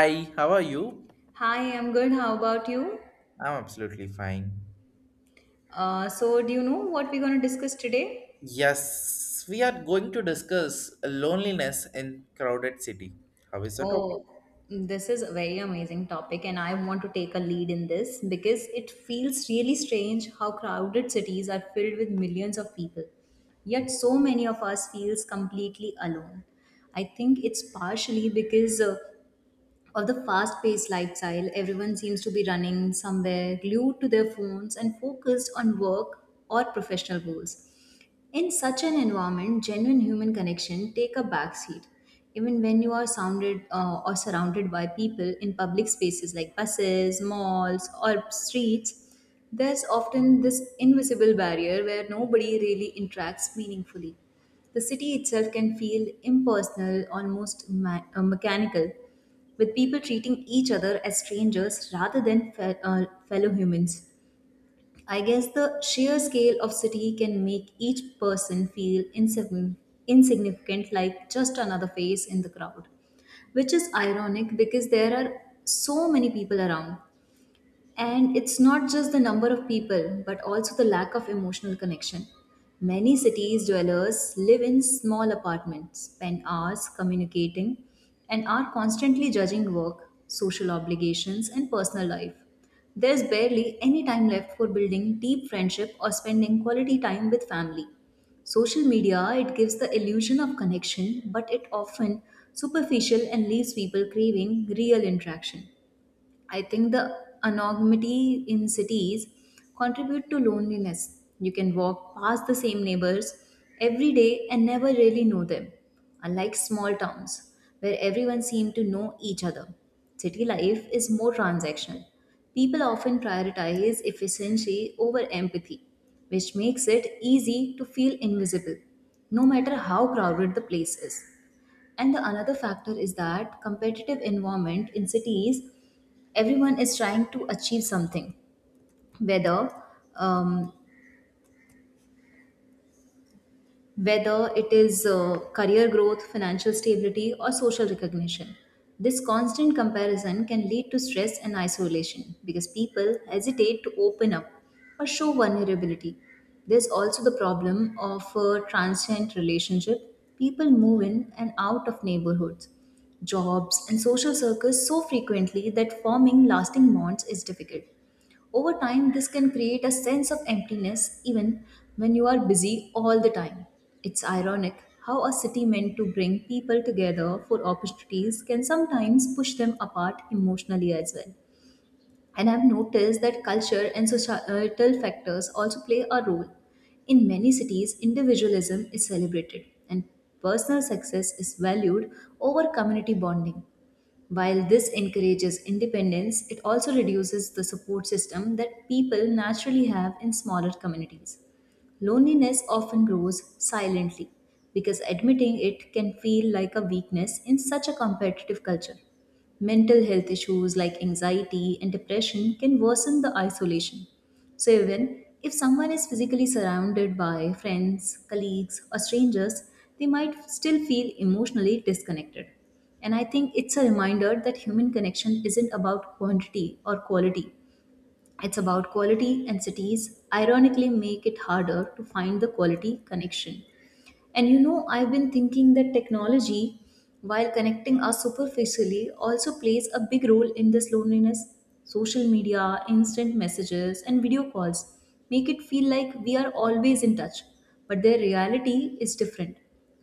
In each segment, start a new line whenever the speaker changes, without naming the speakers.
Hi, how are you?
Hi, I'm good. How about you?
I'm absolutely fine.
So, do you know what we're going to discuss today?
Yes, we are going to discuss loneliness in crowded city. How is the topic?
Oh, this is a very amazing topic, and I want to take a lead in this because it feels really strange how crowded cities are filled with millions of people. Yet, so many of us feels completely alone. I think it's partially because of the fast paced lifestyle. Everyone seems to be running somewhere, glued to their phones, and focused on work or professional goals. In such an environment, genuine human connection take a backseat. Even when you are sounded or surrounded by people in public spaces like buses, malls, or streets, there's often this invisible barrier where nobody really interacts meaningfully. The city itself can feel impersonal, almost mechanical, with people treating each other as strangers rather than fellow humans. I guess the sheer scale of city can make each person feel insignificant, like just another face in the crowd, which is ironic because there are so many people around. And it's not just the number of people, but also the lack of emotional connection. Many cities dwellers live in small apartments, spend hours communicating, and are constantly judging work, social obligations, and personal life. There's barely any time left for building deep friendship or spending quality time with family. Social media, it gives the illusion of connection, but it often superficial and leaves people craving real interaction. I think the anonymity in cities contribute to loneliness. You can walk past the same neighbors every day and never really know them. Unlike small towns where everyone seems to know each other, city life is more transactional. People often prioritize efficiency over empathy, which makes it easy to feel invisible, no matter how crowded the place is. And the another factor is that competitive environment in cities, everyone is trying to achieve something, whether um, whether it is career growth, financial stability, or social recognition. This constant comparison can lead to stress and isolation because people hesitate to open up or show vulnerability. There's also the problem of a transient relationship. People move in and out of neighborhoods, jobs, and social circles so frequently that forming lasting bonds is difficult. Over time, this can create a sense of emptiness even when you are busy all the time. It's ironic how a city meant to bring people together for opportunities can sometimes push them apart emotionally as well. And I've noticed that culture and societal factors also play a role. In many cities, individualism is celebrated and personal success is valued over community bonding. While this encourages independence, it also reduces the support system that people naturally have in smaller communities. Loneliness often grows silently because admitting it can feel like a weakness in such a competitive culture. Mental health issues like anxiety and depression can worsen the isolation. So, even if someone is physically surrounded by friends, colleagues, or strangers, they might still feel emotionally disconnected. And I think it's a reminder that human connection isn't about quantity or quality, it's about quality, and cities ironically make it harder to find the quality connection. And you know, I've been thinking that technology, while connecting us superficially, also plays a big role in this loneliness. Social media, instant messages, and video calls make it feel like we are always in touch, but their reality is different.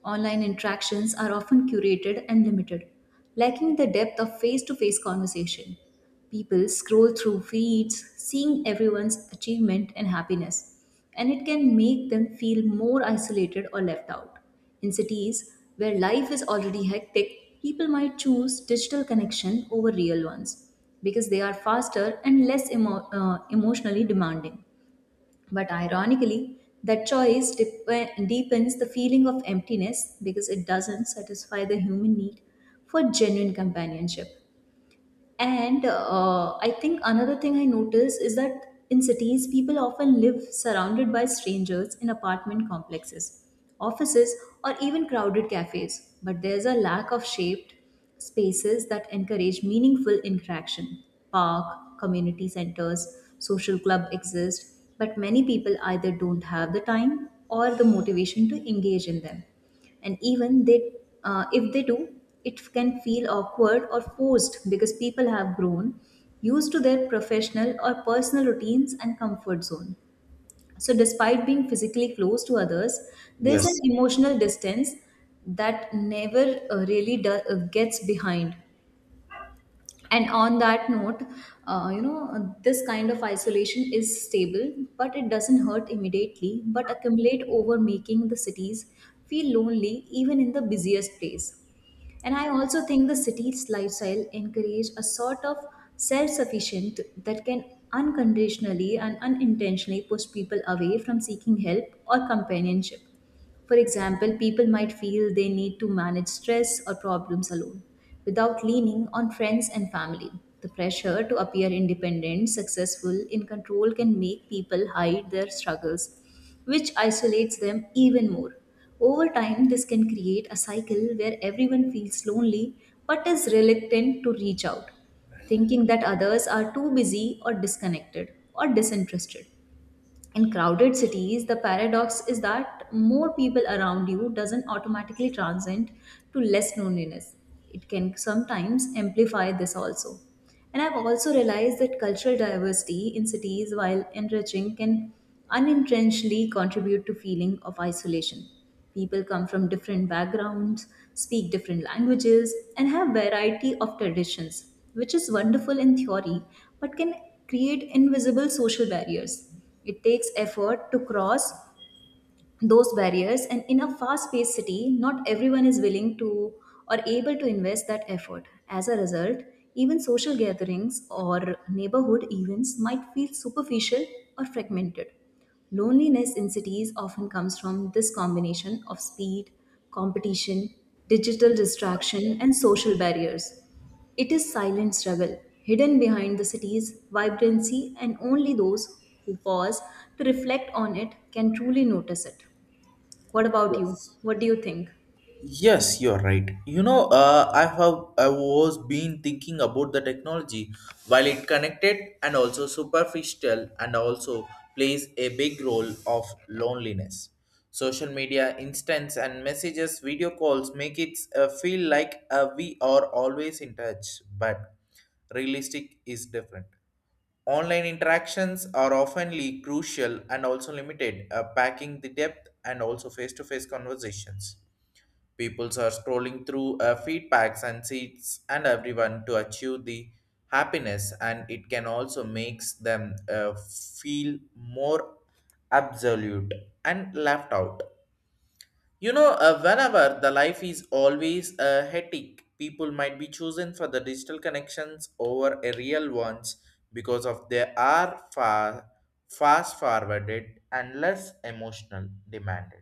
Online interactions are often curated and limited, lacking the depth of face to face conversation. People scroll through feeds, seeing everyone's achievement and happiness, and it can make them feel more isolated or left out. In cities where life is already hectic, people might choose digital connection over real ones because they are faster and less emotionally demanding. But ironically, that choice deepens the feeling of emptiness because it doesn't satisfy the human need for genuine companionship. And I think another thing I notice is that in cities, people often live surrounded by strangers in apartment complexes, offices, or even crowded cafes. But there's a lack of shaped spaces that encourage meaningful interaction. Park, community centers, social club exist, but many people either don't have the time or the motivation to engage in them. And even they, if they do, it can feel awkward or forced because people have grown used to their professional or personal routines and comfort zone. So despite being physically close to others, there's an
Yes,
emotional distance that never, gets behind. And on that note, you know, this kind of isolation is stable, but it doesn't hurt immediately but accumulate over making the cities feel lonely even in the busiest place. And I also think the city's lifestyle encourage a sort of self-sufficient that can unconditionally and unintentionally push people away from seeking help or companionship. For example, people might feel they need to manage stress or problems alone without leaning on friends and family. The pressure to appear independent, successful, in control can make people hide their struggles, which isolates them even more. Over time, this can create a cycle where everyone feels lonely but is reluctant to reach out, thinking that others are too busy or disconnected or disinterested. In crowded cities, the paradox is that more people around you doesn't automatically translate to less loneliness. It can sometimes amplify this also. And I've also realized that cultural diversity in cities, while enriching, can unintentionally contribute to feeling of isolation. People come from different backgrounds, speak different languages, and have variety of traditions, which is wonderful in theory, but can create invisible social barriers. It takes effort to cross those barriers, and in a fast paced city, not everyone is willing to or able to invest that effort. As a result, even social gatherings or neighborhood events might feel superficial or fragmented. Loneliness in cities often comes from this combination of speed, competition, digital distraction, and social barriers. It is silent struggle, hidden behind the city's vibrancy, and only those who pause to reflect on it can truly notice it. What about you?
yes.
What do you think?
Yes, you're right. You know, I was been thinking about the technology while it connected and also superficial and also plays a big role of loneliness. Social media instance and messages, video calls make it feel like we are always in touch, but realistic is different. Online interactions are oftenly crucial and also limited, packing the depth and also face-to-face conversations. Peoples are scrolling through feedbacks and seats and everyone to achieve the happiness, and it can also makes them feel more absolute and left out. You know, whenever the life is always a hectic, people might be chosen for the digital connections over a real ones because of they are far fast forwarded and less emotional demanded,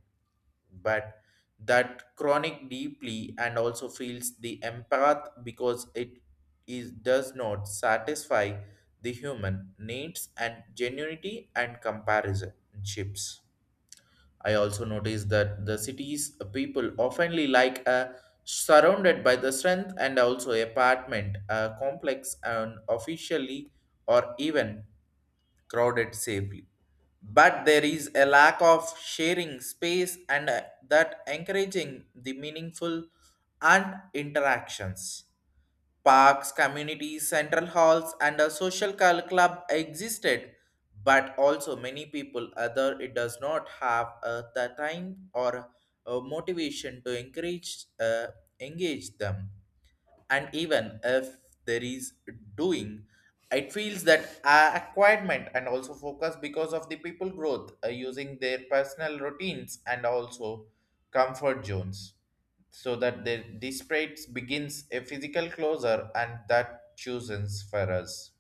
but that chronic deeply and also feels the empath because it is does not satisfy the human needs and genuinity and comparison ships. I also noticed that the city's people oftenly like surrounded by the strength and also apartment complex and officially or even crowded safely. But there is a lack of sharing space and that encouraging the meaningful and interactions. Parks, communities, central halls, and a club existed, but also many people other it does not have the time or motivation to encourage engage them, and even if there is doing, it feels that acquirement and also focus because of the people growth using their personal routines and also comfort zones, so that the desperate begins a physical closure and that chooses for us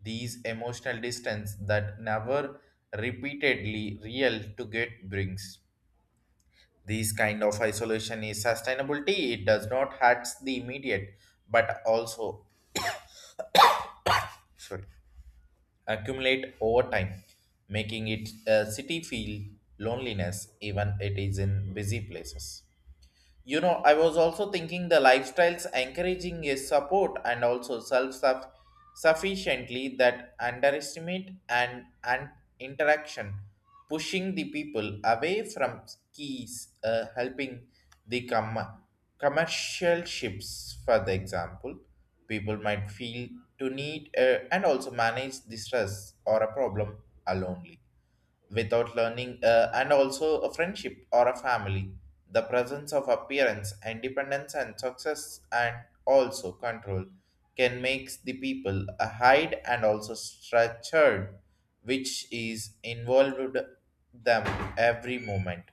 these emotional distance that never repeatedly real to get brings. This kind of isolation is sustainability, it does not hurt the immediate but also, sorry, accumulate over time, making it a city feel loneliness even it is in busy places. You know, I was also thinking the lifestyles encouraging is support and also sufficiently that underestimate and interaction, pushing the people away from keys, helping the commercial ships, for the example. People might feel to need and also manage the stress or a problem alone without learning, and also a friendship or a family. The presence of appearance, independence, and success, and also control can make the people a hide and also structured, which is involved them every moment.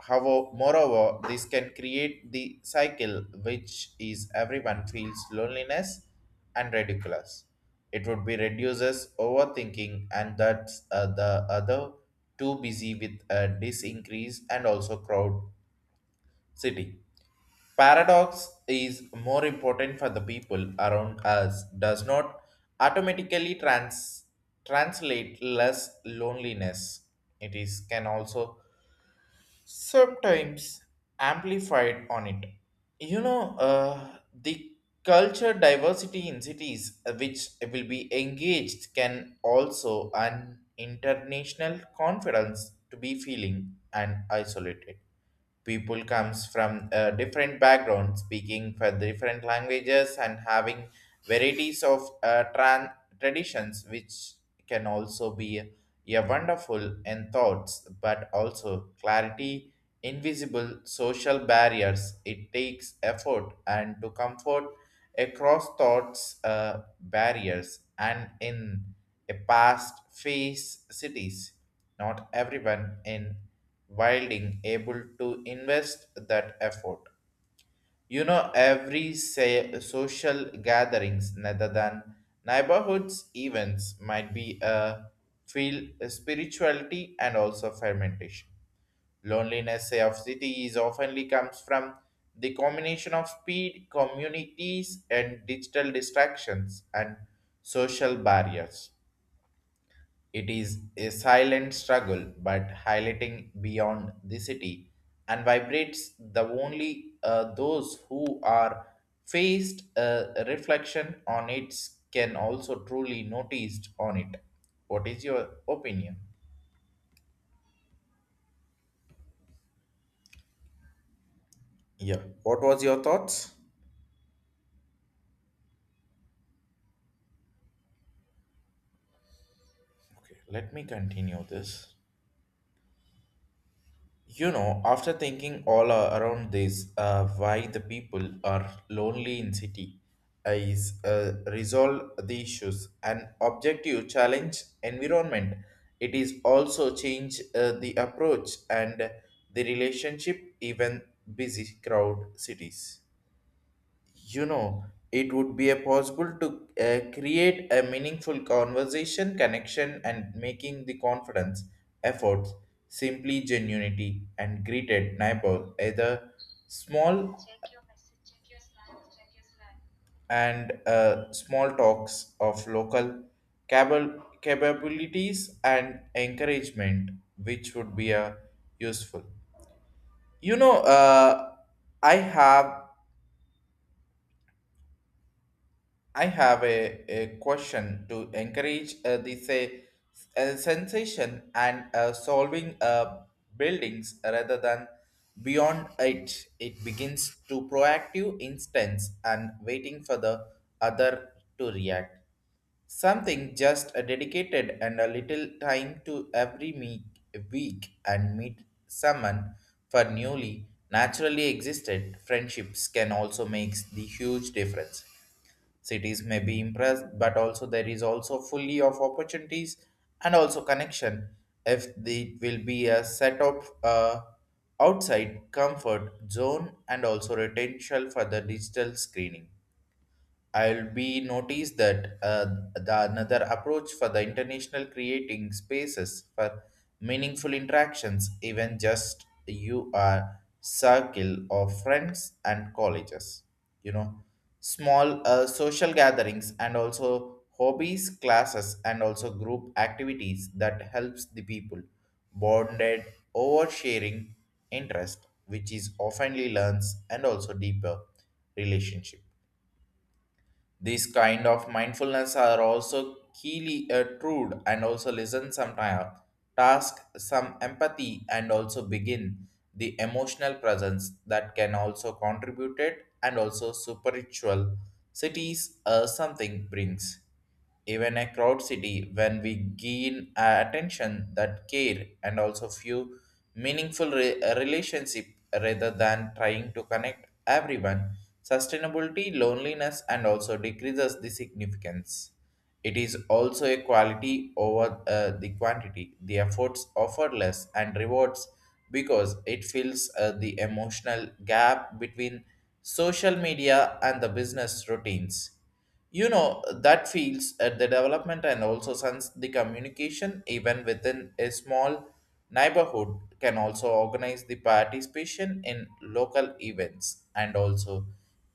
However, moreover, this can create the cycle which is everyone feels loneliness and ridiculous. It would be reduces overthinking and that's the other too busy with a disincrease and also crowd city. Paradox is more important for the people around us does not automatically translate less loneliness. It is can also sometimes amplified on it. You know, the culture diversity in cities which will be engaged can also an international conference to be feeling and isolated. People comes from a different background, speaking for different languages and having varieties of traditions, which can also be a wonderful in thoughts but also clarity invisible social barriers. It takes effort and to comfort across thoughts barriers, and in a past face cities not everyone in wilding able to invest that effort. You know, every say, social gatherings, rather than neighborhoods events, might be a field spirituality and also fermentation. Loneliness say, of cities oftenly comes from the combination of speed, communities, and digital distractions and social barriers. It is a silent struggle, but highlighting beyond the city and vibrates the only those who are faced a reflection on it can also truly noticed on it. What is your opinion? Yeah. What was your thoughts? Okay, let me continue this. You know, after thinking all around this, why the people are lonely in city is resolve the issues and objective challenge environment. It is also change the approach and the relationship even busy crowd cities, you know, it would be a possible to create a meaningful conversation connection and making the confidence efforts simply genuinity and greeted neighbor either small and small talks of local cable capabilities and encouragement, which would be useful. You know, i have I have a question to encourage this sensation and solving buildings rather than beyond it. It begins to proactive instance and waiting for the other to react. Something just a dedicated and a little time to week and meet someone for newly naturally existed friendships can also make the huge difference. Cities may be impressed, but also there is also fully of opportunities and also connection if the will be a set of outside comfort zone and also potential for the digital screening. I'll be noticed that the another approach for the international creating spaces for meaningful interactions, even just you are circle of friends and colleges, you know, small social gatherings and also hobbies, classes and also group activities that helps the people bonded over sharing interest, which is oftenly learns and also deeper relationship. These kind of mindfulness are also keenly trued and also listen some time, task some empathy and also begin the emotional presence that can also contribute it and also spiritual cities something brings even a crowd city when we gain attention that care and also few meaningful relationship rather than trying to connect everyone sustainability loneliness and also decreases the significance. It is also a quality over the quantity the efforts offer less and rewards because it fills the emotional gap between social media and the business routines. You know, that feels at the development and also since the communication even within a small neighborhood can also organize the participation in local events and also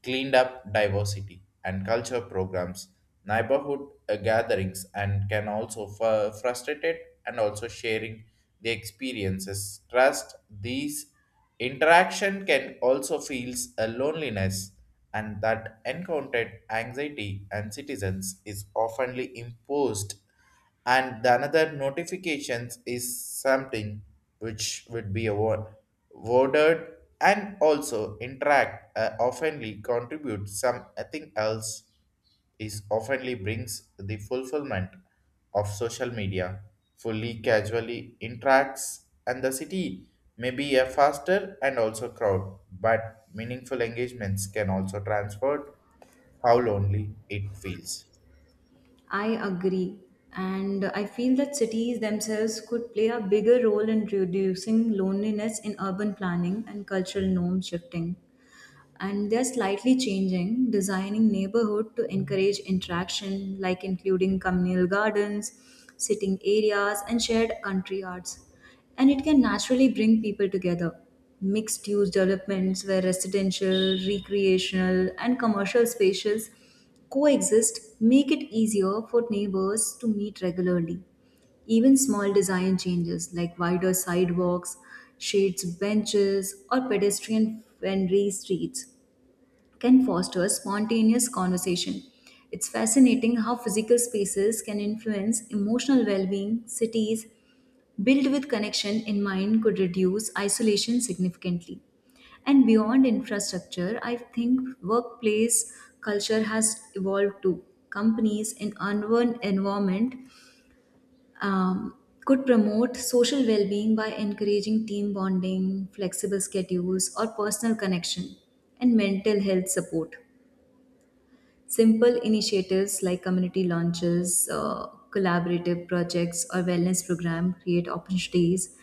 cleaned up diversity and culture programs, neighborhood gatherings and can also frustrate it and also sharing the experiences. Trust these interaction can also feels a loneliness and that encountered anxiety and citizens is oftenly imposed, and the another notifications is something which would be awarded and also interact oftenly contribute something else is oftenly brings the fulfillment of social media fully casually interacts, and the city may be a faster and also crowd but meaningful engagements can also transfer how lonely it feels.
I agree. And I feel that cities themselves could play a bigger role in reducing loneliness in urban planning and cultural norm shifting. And they're slightly changing, designing neighborhood to encourage interaction, like including communal gardens, sitting areas, and shared country arts. And it can naturally bring people together. Mixed use developments where residential, recreational, and commercial spaces coexist make it easier for neighbors to meet regularly. Even small design changes like wider sidewalks, shades benches, or pedestrian friendly streets can foster spontaneous conversation. It's fascinating how physical spaces can influence emotional well being. Cities, built with connection in mind, could reduce isolation significantly. And beyond infrastructure, I think workplace culture has evolved too. Companies in uneven environment um, could promote social well-being by encouraging team bonding, flexible schedules, or personal connection and mental health support. Simple initiatives like community launches, collaborative projects, or wellness program create opportunities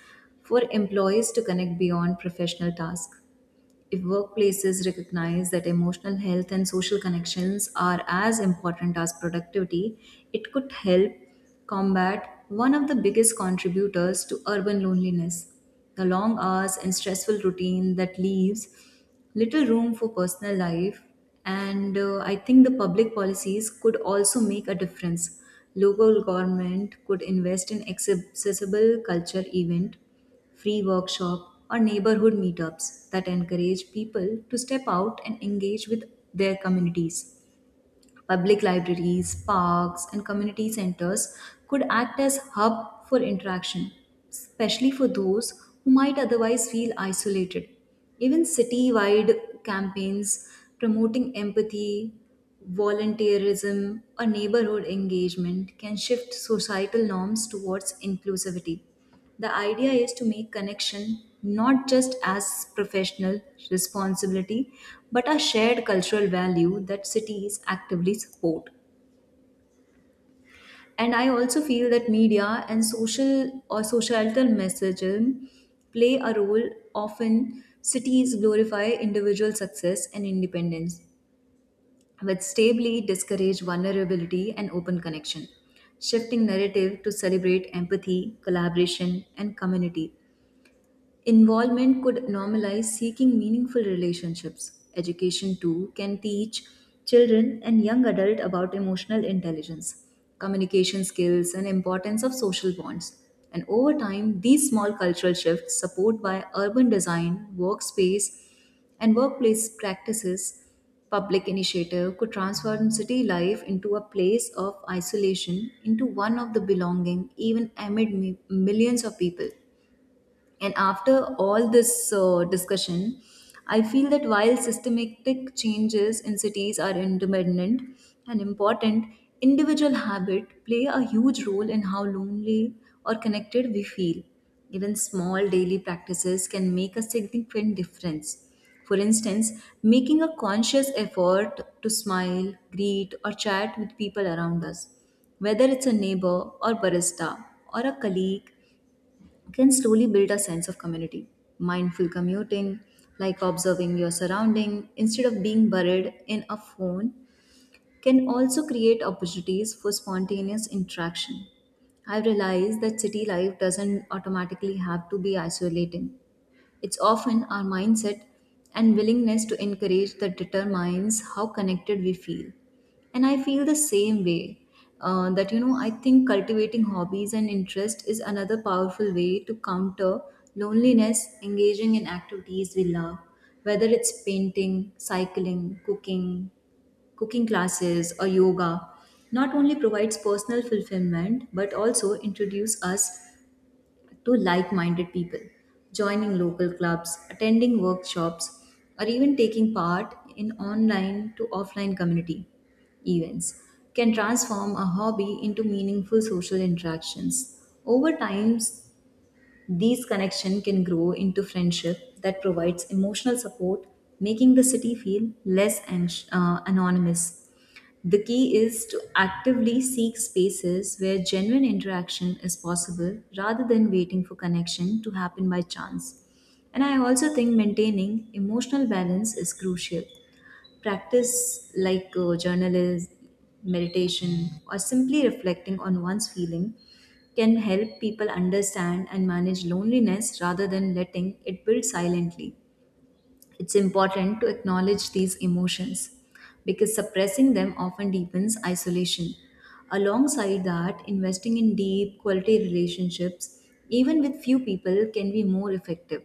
for employees to connect beyond professional tasks. If workplaces recognize that emotional health and social connections are as important as productivity, it could help combat one of the biggest contributors to urban loneliness, the long hours and stressful routine that leaves little room for personal life. And I think the public policies could also make a difference. Local government could invest in accessible culture event, free workshop, or neighborhood meetups that encourage people to step out and engage with their communities. Public libraries, parks, and community centers could act as hub for interaction, especially for those who might otherwise feel isolated. Even city-wide campaigns promoting empathy, volunteerism, or neighborhood engagement can shift societal norms towards inclusivity. The idea is to make connection not just as professional responsibility but a shared cultural value that cities actively support. And I also feel that media and social or societal messaging play a role. Often cities glorify individual success and independence, but stably discourage vulnerability and open connection. Shifting narrative to celebrate empathy, collaboration, and community involvement could normalize seeking meaningful relationships. Education, too, can teach children and young adults about emotional intelligence, communication skills, and importance of social bonds. And over time, these small cultural shifts, supported by urban design, workspace, and workplace practices, public initiative could transform city life into a place of isolation into one of the belonging, even amid millions of people. And after all this discussion, I feel that while systematic changes in cities are independent and important, individual habit play a huge role in how lonely or connected we feel. Even small daily practices can make a significant difference. For instance, making a conscious effort to smile, greet, or chat with people around us, whether it's a neighbor or barista or a colleague, can slowly build a sense of community. Mindful commuting, like observing your surrounding instead of being buried in a phone, can also create opportunities for spontaneous interaction. I've realized that city life doesn't automatically have to be isolating. It's often our mindset and willingness to encourage that determines how connected we feel. And I feel the same way I think cultivating hobbies and interest is another powerful way to counter loneliness, engaging in activities we love, whether it's painting, cycling, cooking classes, or yoga not only provides personal fulfillment but also introduce us to like minded people. Joining local clubs, attending workshops, or even taking part in online to offline community events can transform a hobby into meaningful social interactions. Over time, these connections can grow into friendship that provides emotional support, making the city feel less anonymous. The key is to actively seek spaces where genuine interaction is possible rather than waiting for connection to happen by chance. And I also think maintaining emotional balance is crucial. Practice like journalism, meditation, or simply reflecting on one's feeling can help people understand and manage loneliness rather than letting it build silently. It's important to acknowledge these emotions because suppressing them often deepens isolation. Alongside that, investing in deep, quality relationships, even with few people, can be more effective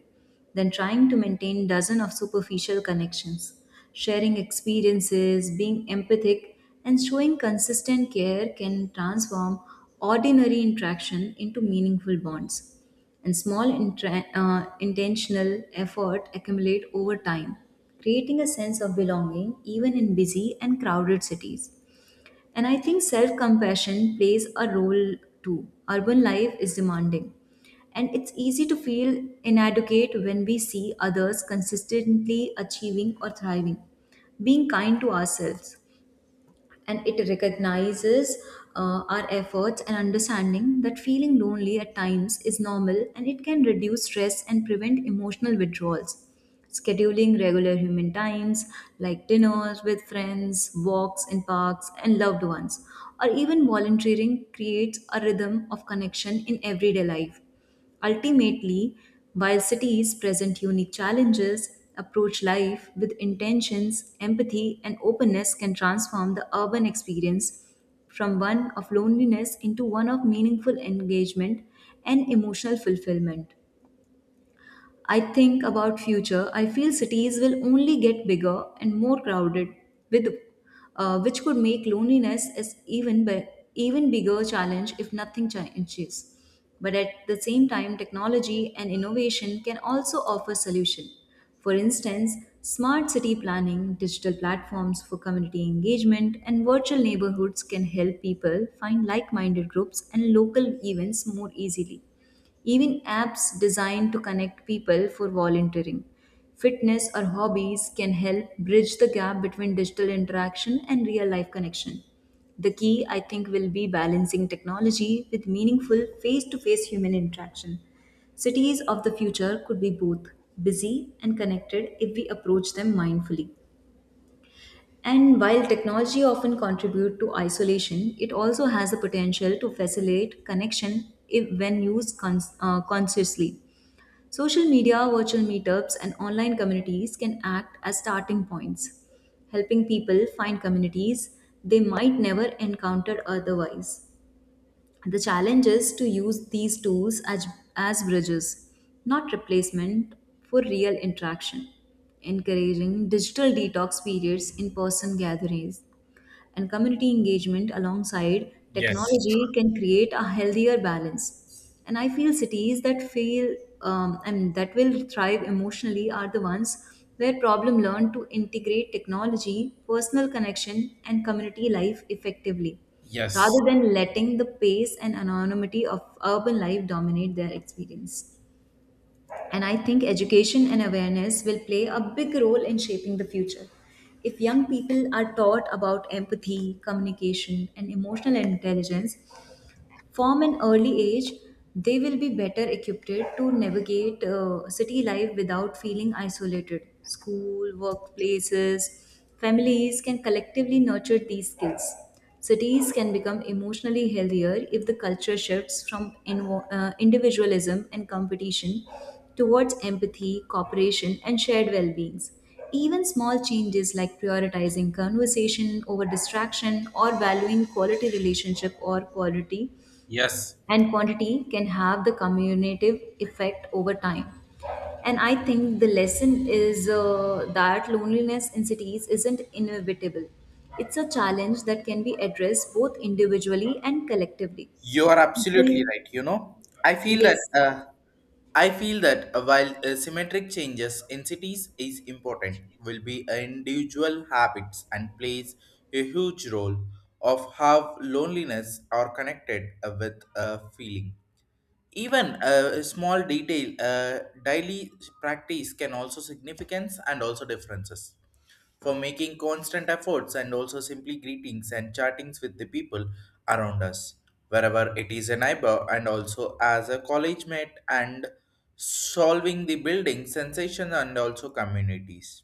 than trying to maintain dozens of superficial connections. Sharing experiences, being empathic, and showing consistent care can transform ordinary interaction into meaningful bonds and small intentional effort accumulate over time, creating a sense of belonging even in busy and crowded cities. And I think self compassion plays a role too. Urban life is demanding, and it's easy to feel inadequate when we see others consistently achieving or thriving. Being kind to ourselves and it recognizes our efforts and understanding that feeling lonely at times is normal and it can reduce stress and prevent emotional withdrawals. Scheduling regular human times like dinners with friends, walks in parks, and loved ones, or even volunteering creates a rhythm of connection in everyday life. Ultimately, while cities present unique challenges, approach life with intentions, empathy, and openness can transform the urban experience from one of loneliness into one of meaningful engagement and emotional fulfillment. I think about future, I feel cities will only get bigger and more crowded, with which could make loneliness as even even bigger challenge if nothing changes. But at the same time, technology and innovation can also offer solution. For instance, smart city planning, digital platforms for community engagement, and virtual neighborhoods can help people find like minded groups and local events more easily. Even apps designed to connect people for volunteering, fitness, or hobbies can help bridge the gap between digital interaction and real life connection. The key, I think, will be balancing technology with meaningful face to face human interaction. Cities of the future could be both busy and connected if we approach them mindfully. And while technology often contribute to isolation, it also has the potential to facilitate connection if when used consciously. Social media, virtual meetups, and online communities can act as starting points, helping people find communities they might never encounter otherwise. The challenge is to use these tools as bridges, not replacement for real interaction, encouraging digital detox periods in person gatherings and community engagement alongside
Yes,
technology can create a healthier balance. And I feel cities that fail and that will thrive emotionally are the ones where problem learn to integrate technology, personal connection, and community life effectively rather
yes,
than letting the pace and anonymity of urban life dominate their experience. And I think education and awareness will play a big role in shaping the future. If young people are taught about empathy, communication, and emotional intelligence, from an early age, they will be better equipped to navigate city life without feeling isolated. School, workplaces, families can collectively nurture these skills. Cities can become emotionally healthier if the culture shifts from individualism and competition towards empathy, cooperation, and shared well beings. Even small changes like prioritizing conversation over distraction or valuing quality relationship or quality
yes.
and quantity can have the cumulative effect over time. And I think the lesson is that loneliness in cities isn't inevitable. It's a challenge that can be addressed both individually and collectively.
You are absolutely
People,
right. You know, I feel that
yes.
uh, I feel that while symmetric changes in cities is important, will be individual habits and plays a huge role of how loneliness are connected with a feeling. Even a small detail, daily practice can also significance and also differences. For making constant efforts and also simply greetings and chattings with the people around us, wherever it is a neighbor and also as a college mate and solving the building sensation and also communities.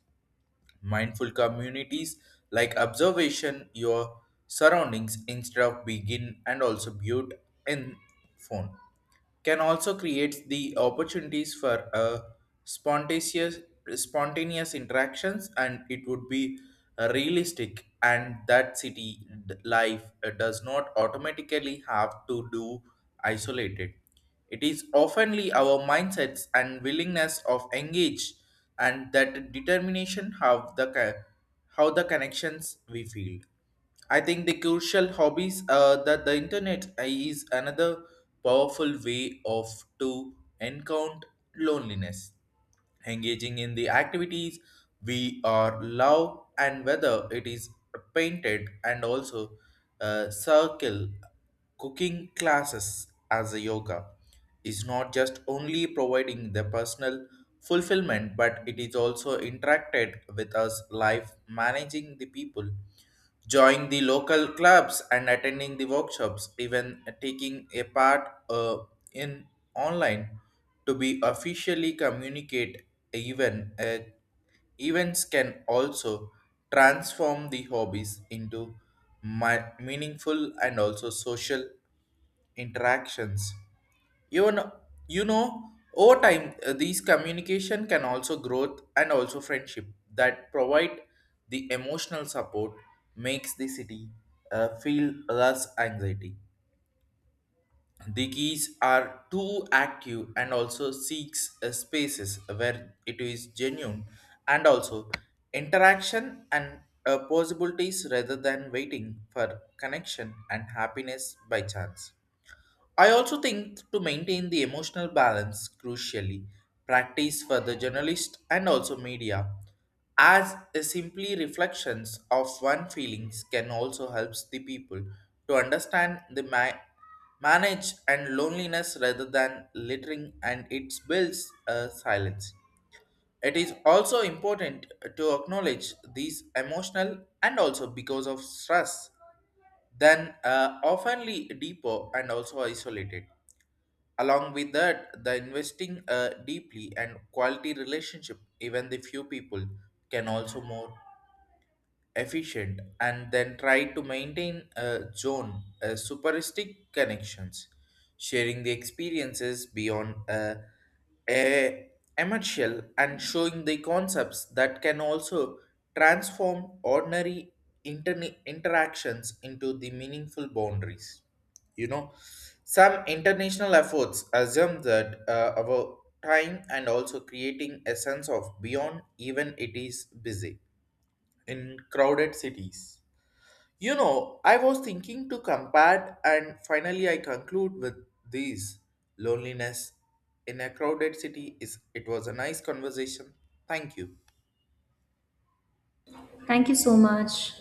Mindful communities like observation your surroundings instead of begin and also build in phone can also create the opportunities for spontaneous spontaneous interactions, and it would be realistic and that life does not automatically have to do isolated. It is oftenly our mindsets and willingness of engage and that determination how how the connections we feel. I think the crucial hobbies that the internet is another powerful way of to encounter loneliness. Engaging in the activities we are love, and whether it is painted and also circle cooking classes as a yoga, is not just only providing the personal fulfillment but it is also interacted with us life managing the people joining the local clubs and attending the workshops, even taking a part in online to be officially communicate, even events can also transform the hobbies into meaningful and also social interactions. you know, you know, over time, these communication can also growth and also friendship that provide the emotional support makes the city feel less anxiety. The geese are too active and also seeks spaces where it is genuine and also interaction and possibilities rather than waiting for connection and happiness by chance. I also think to maintain the emotional balance crucially practice for the journalist and also media as a simply reflections of one feelings can also helps the people to understand manage and loneliness rather than littering and it builds a silence. It is also important to acknowledge these emotional and also because of stress then oftenly deeper and also isolated. Along with that, the investing deeply and quality relationship, even the few people, can also more efficient and then try to maintain a zone superistic connections sharing the experiences beyond a emercial and showing the concepts that can also transform ordinary interactions into the meaningful boundaries. You know, some international efforts assume that our time and also creating a sense of beyond even it is busy in crowded cities. You know, I was thinking to compare, and finally I conclude with these loneliness in a crowded city. Is it was a nice conversation. Thank you.
Thank you so much.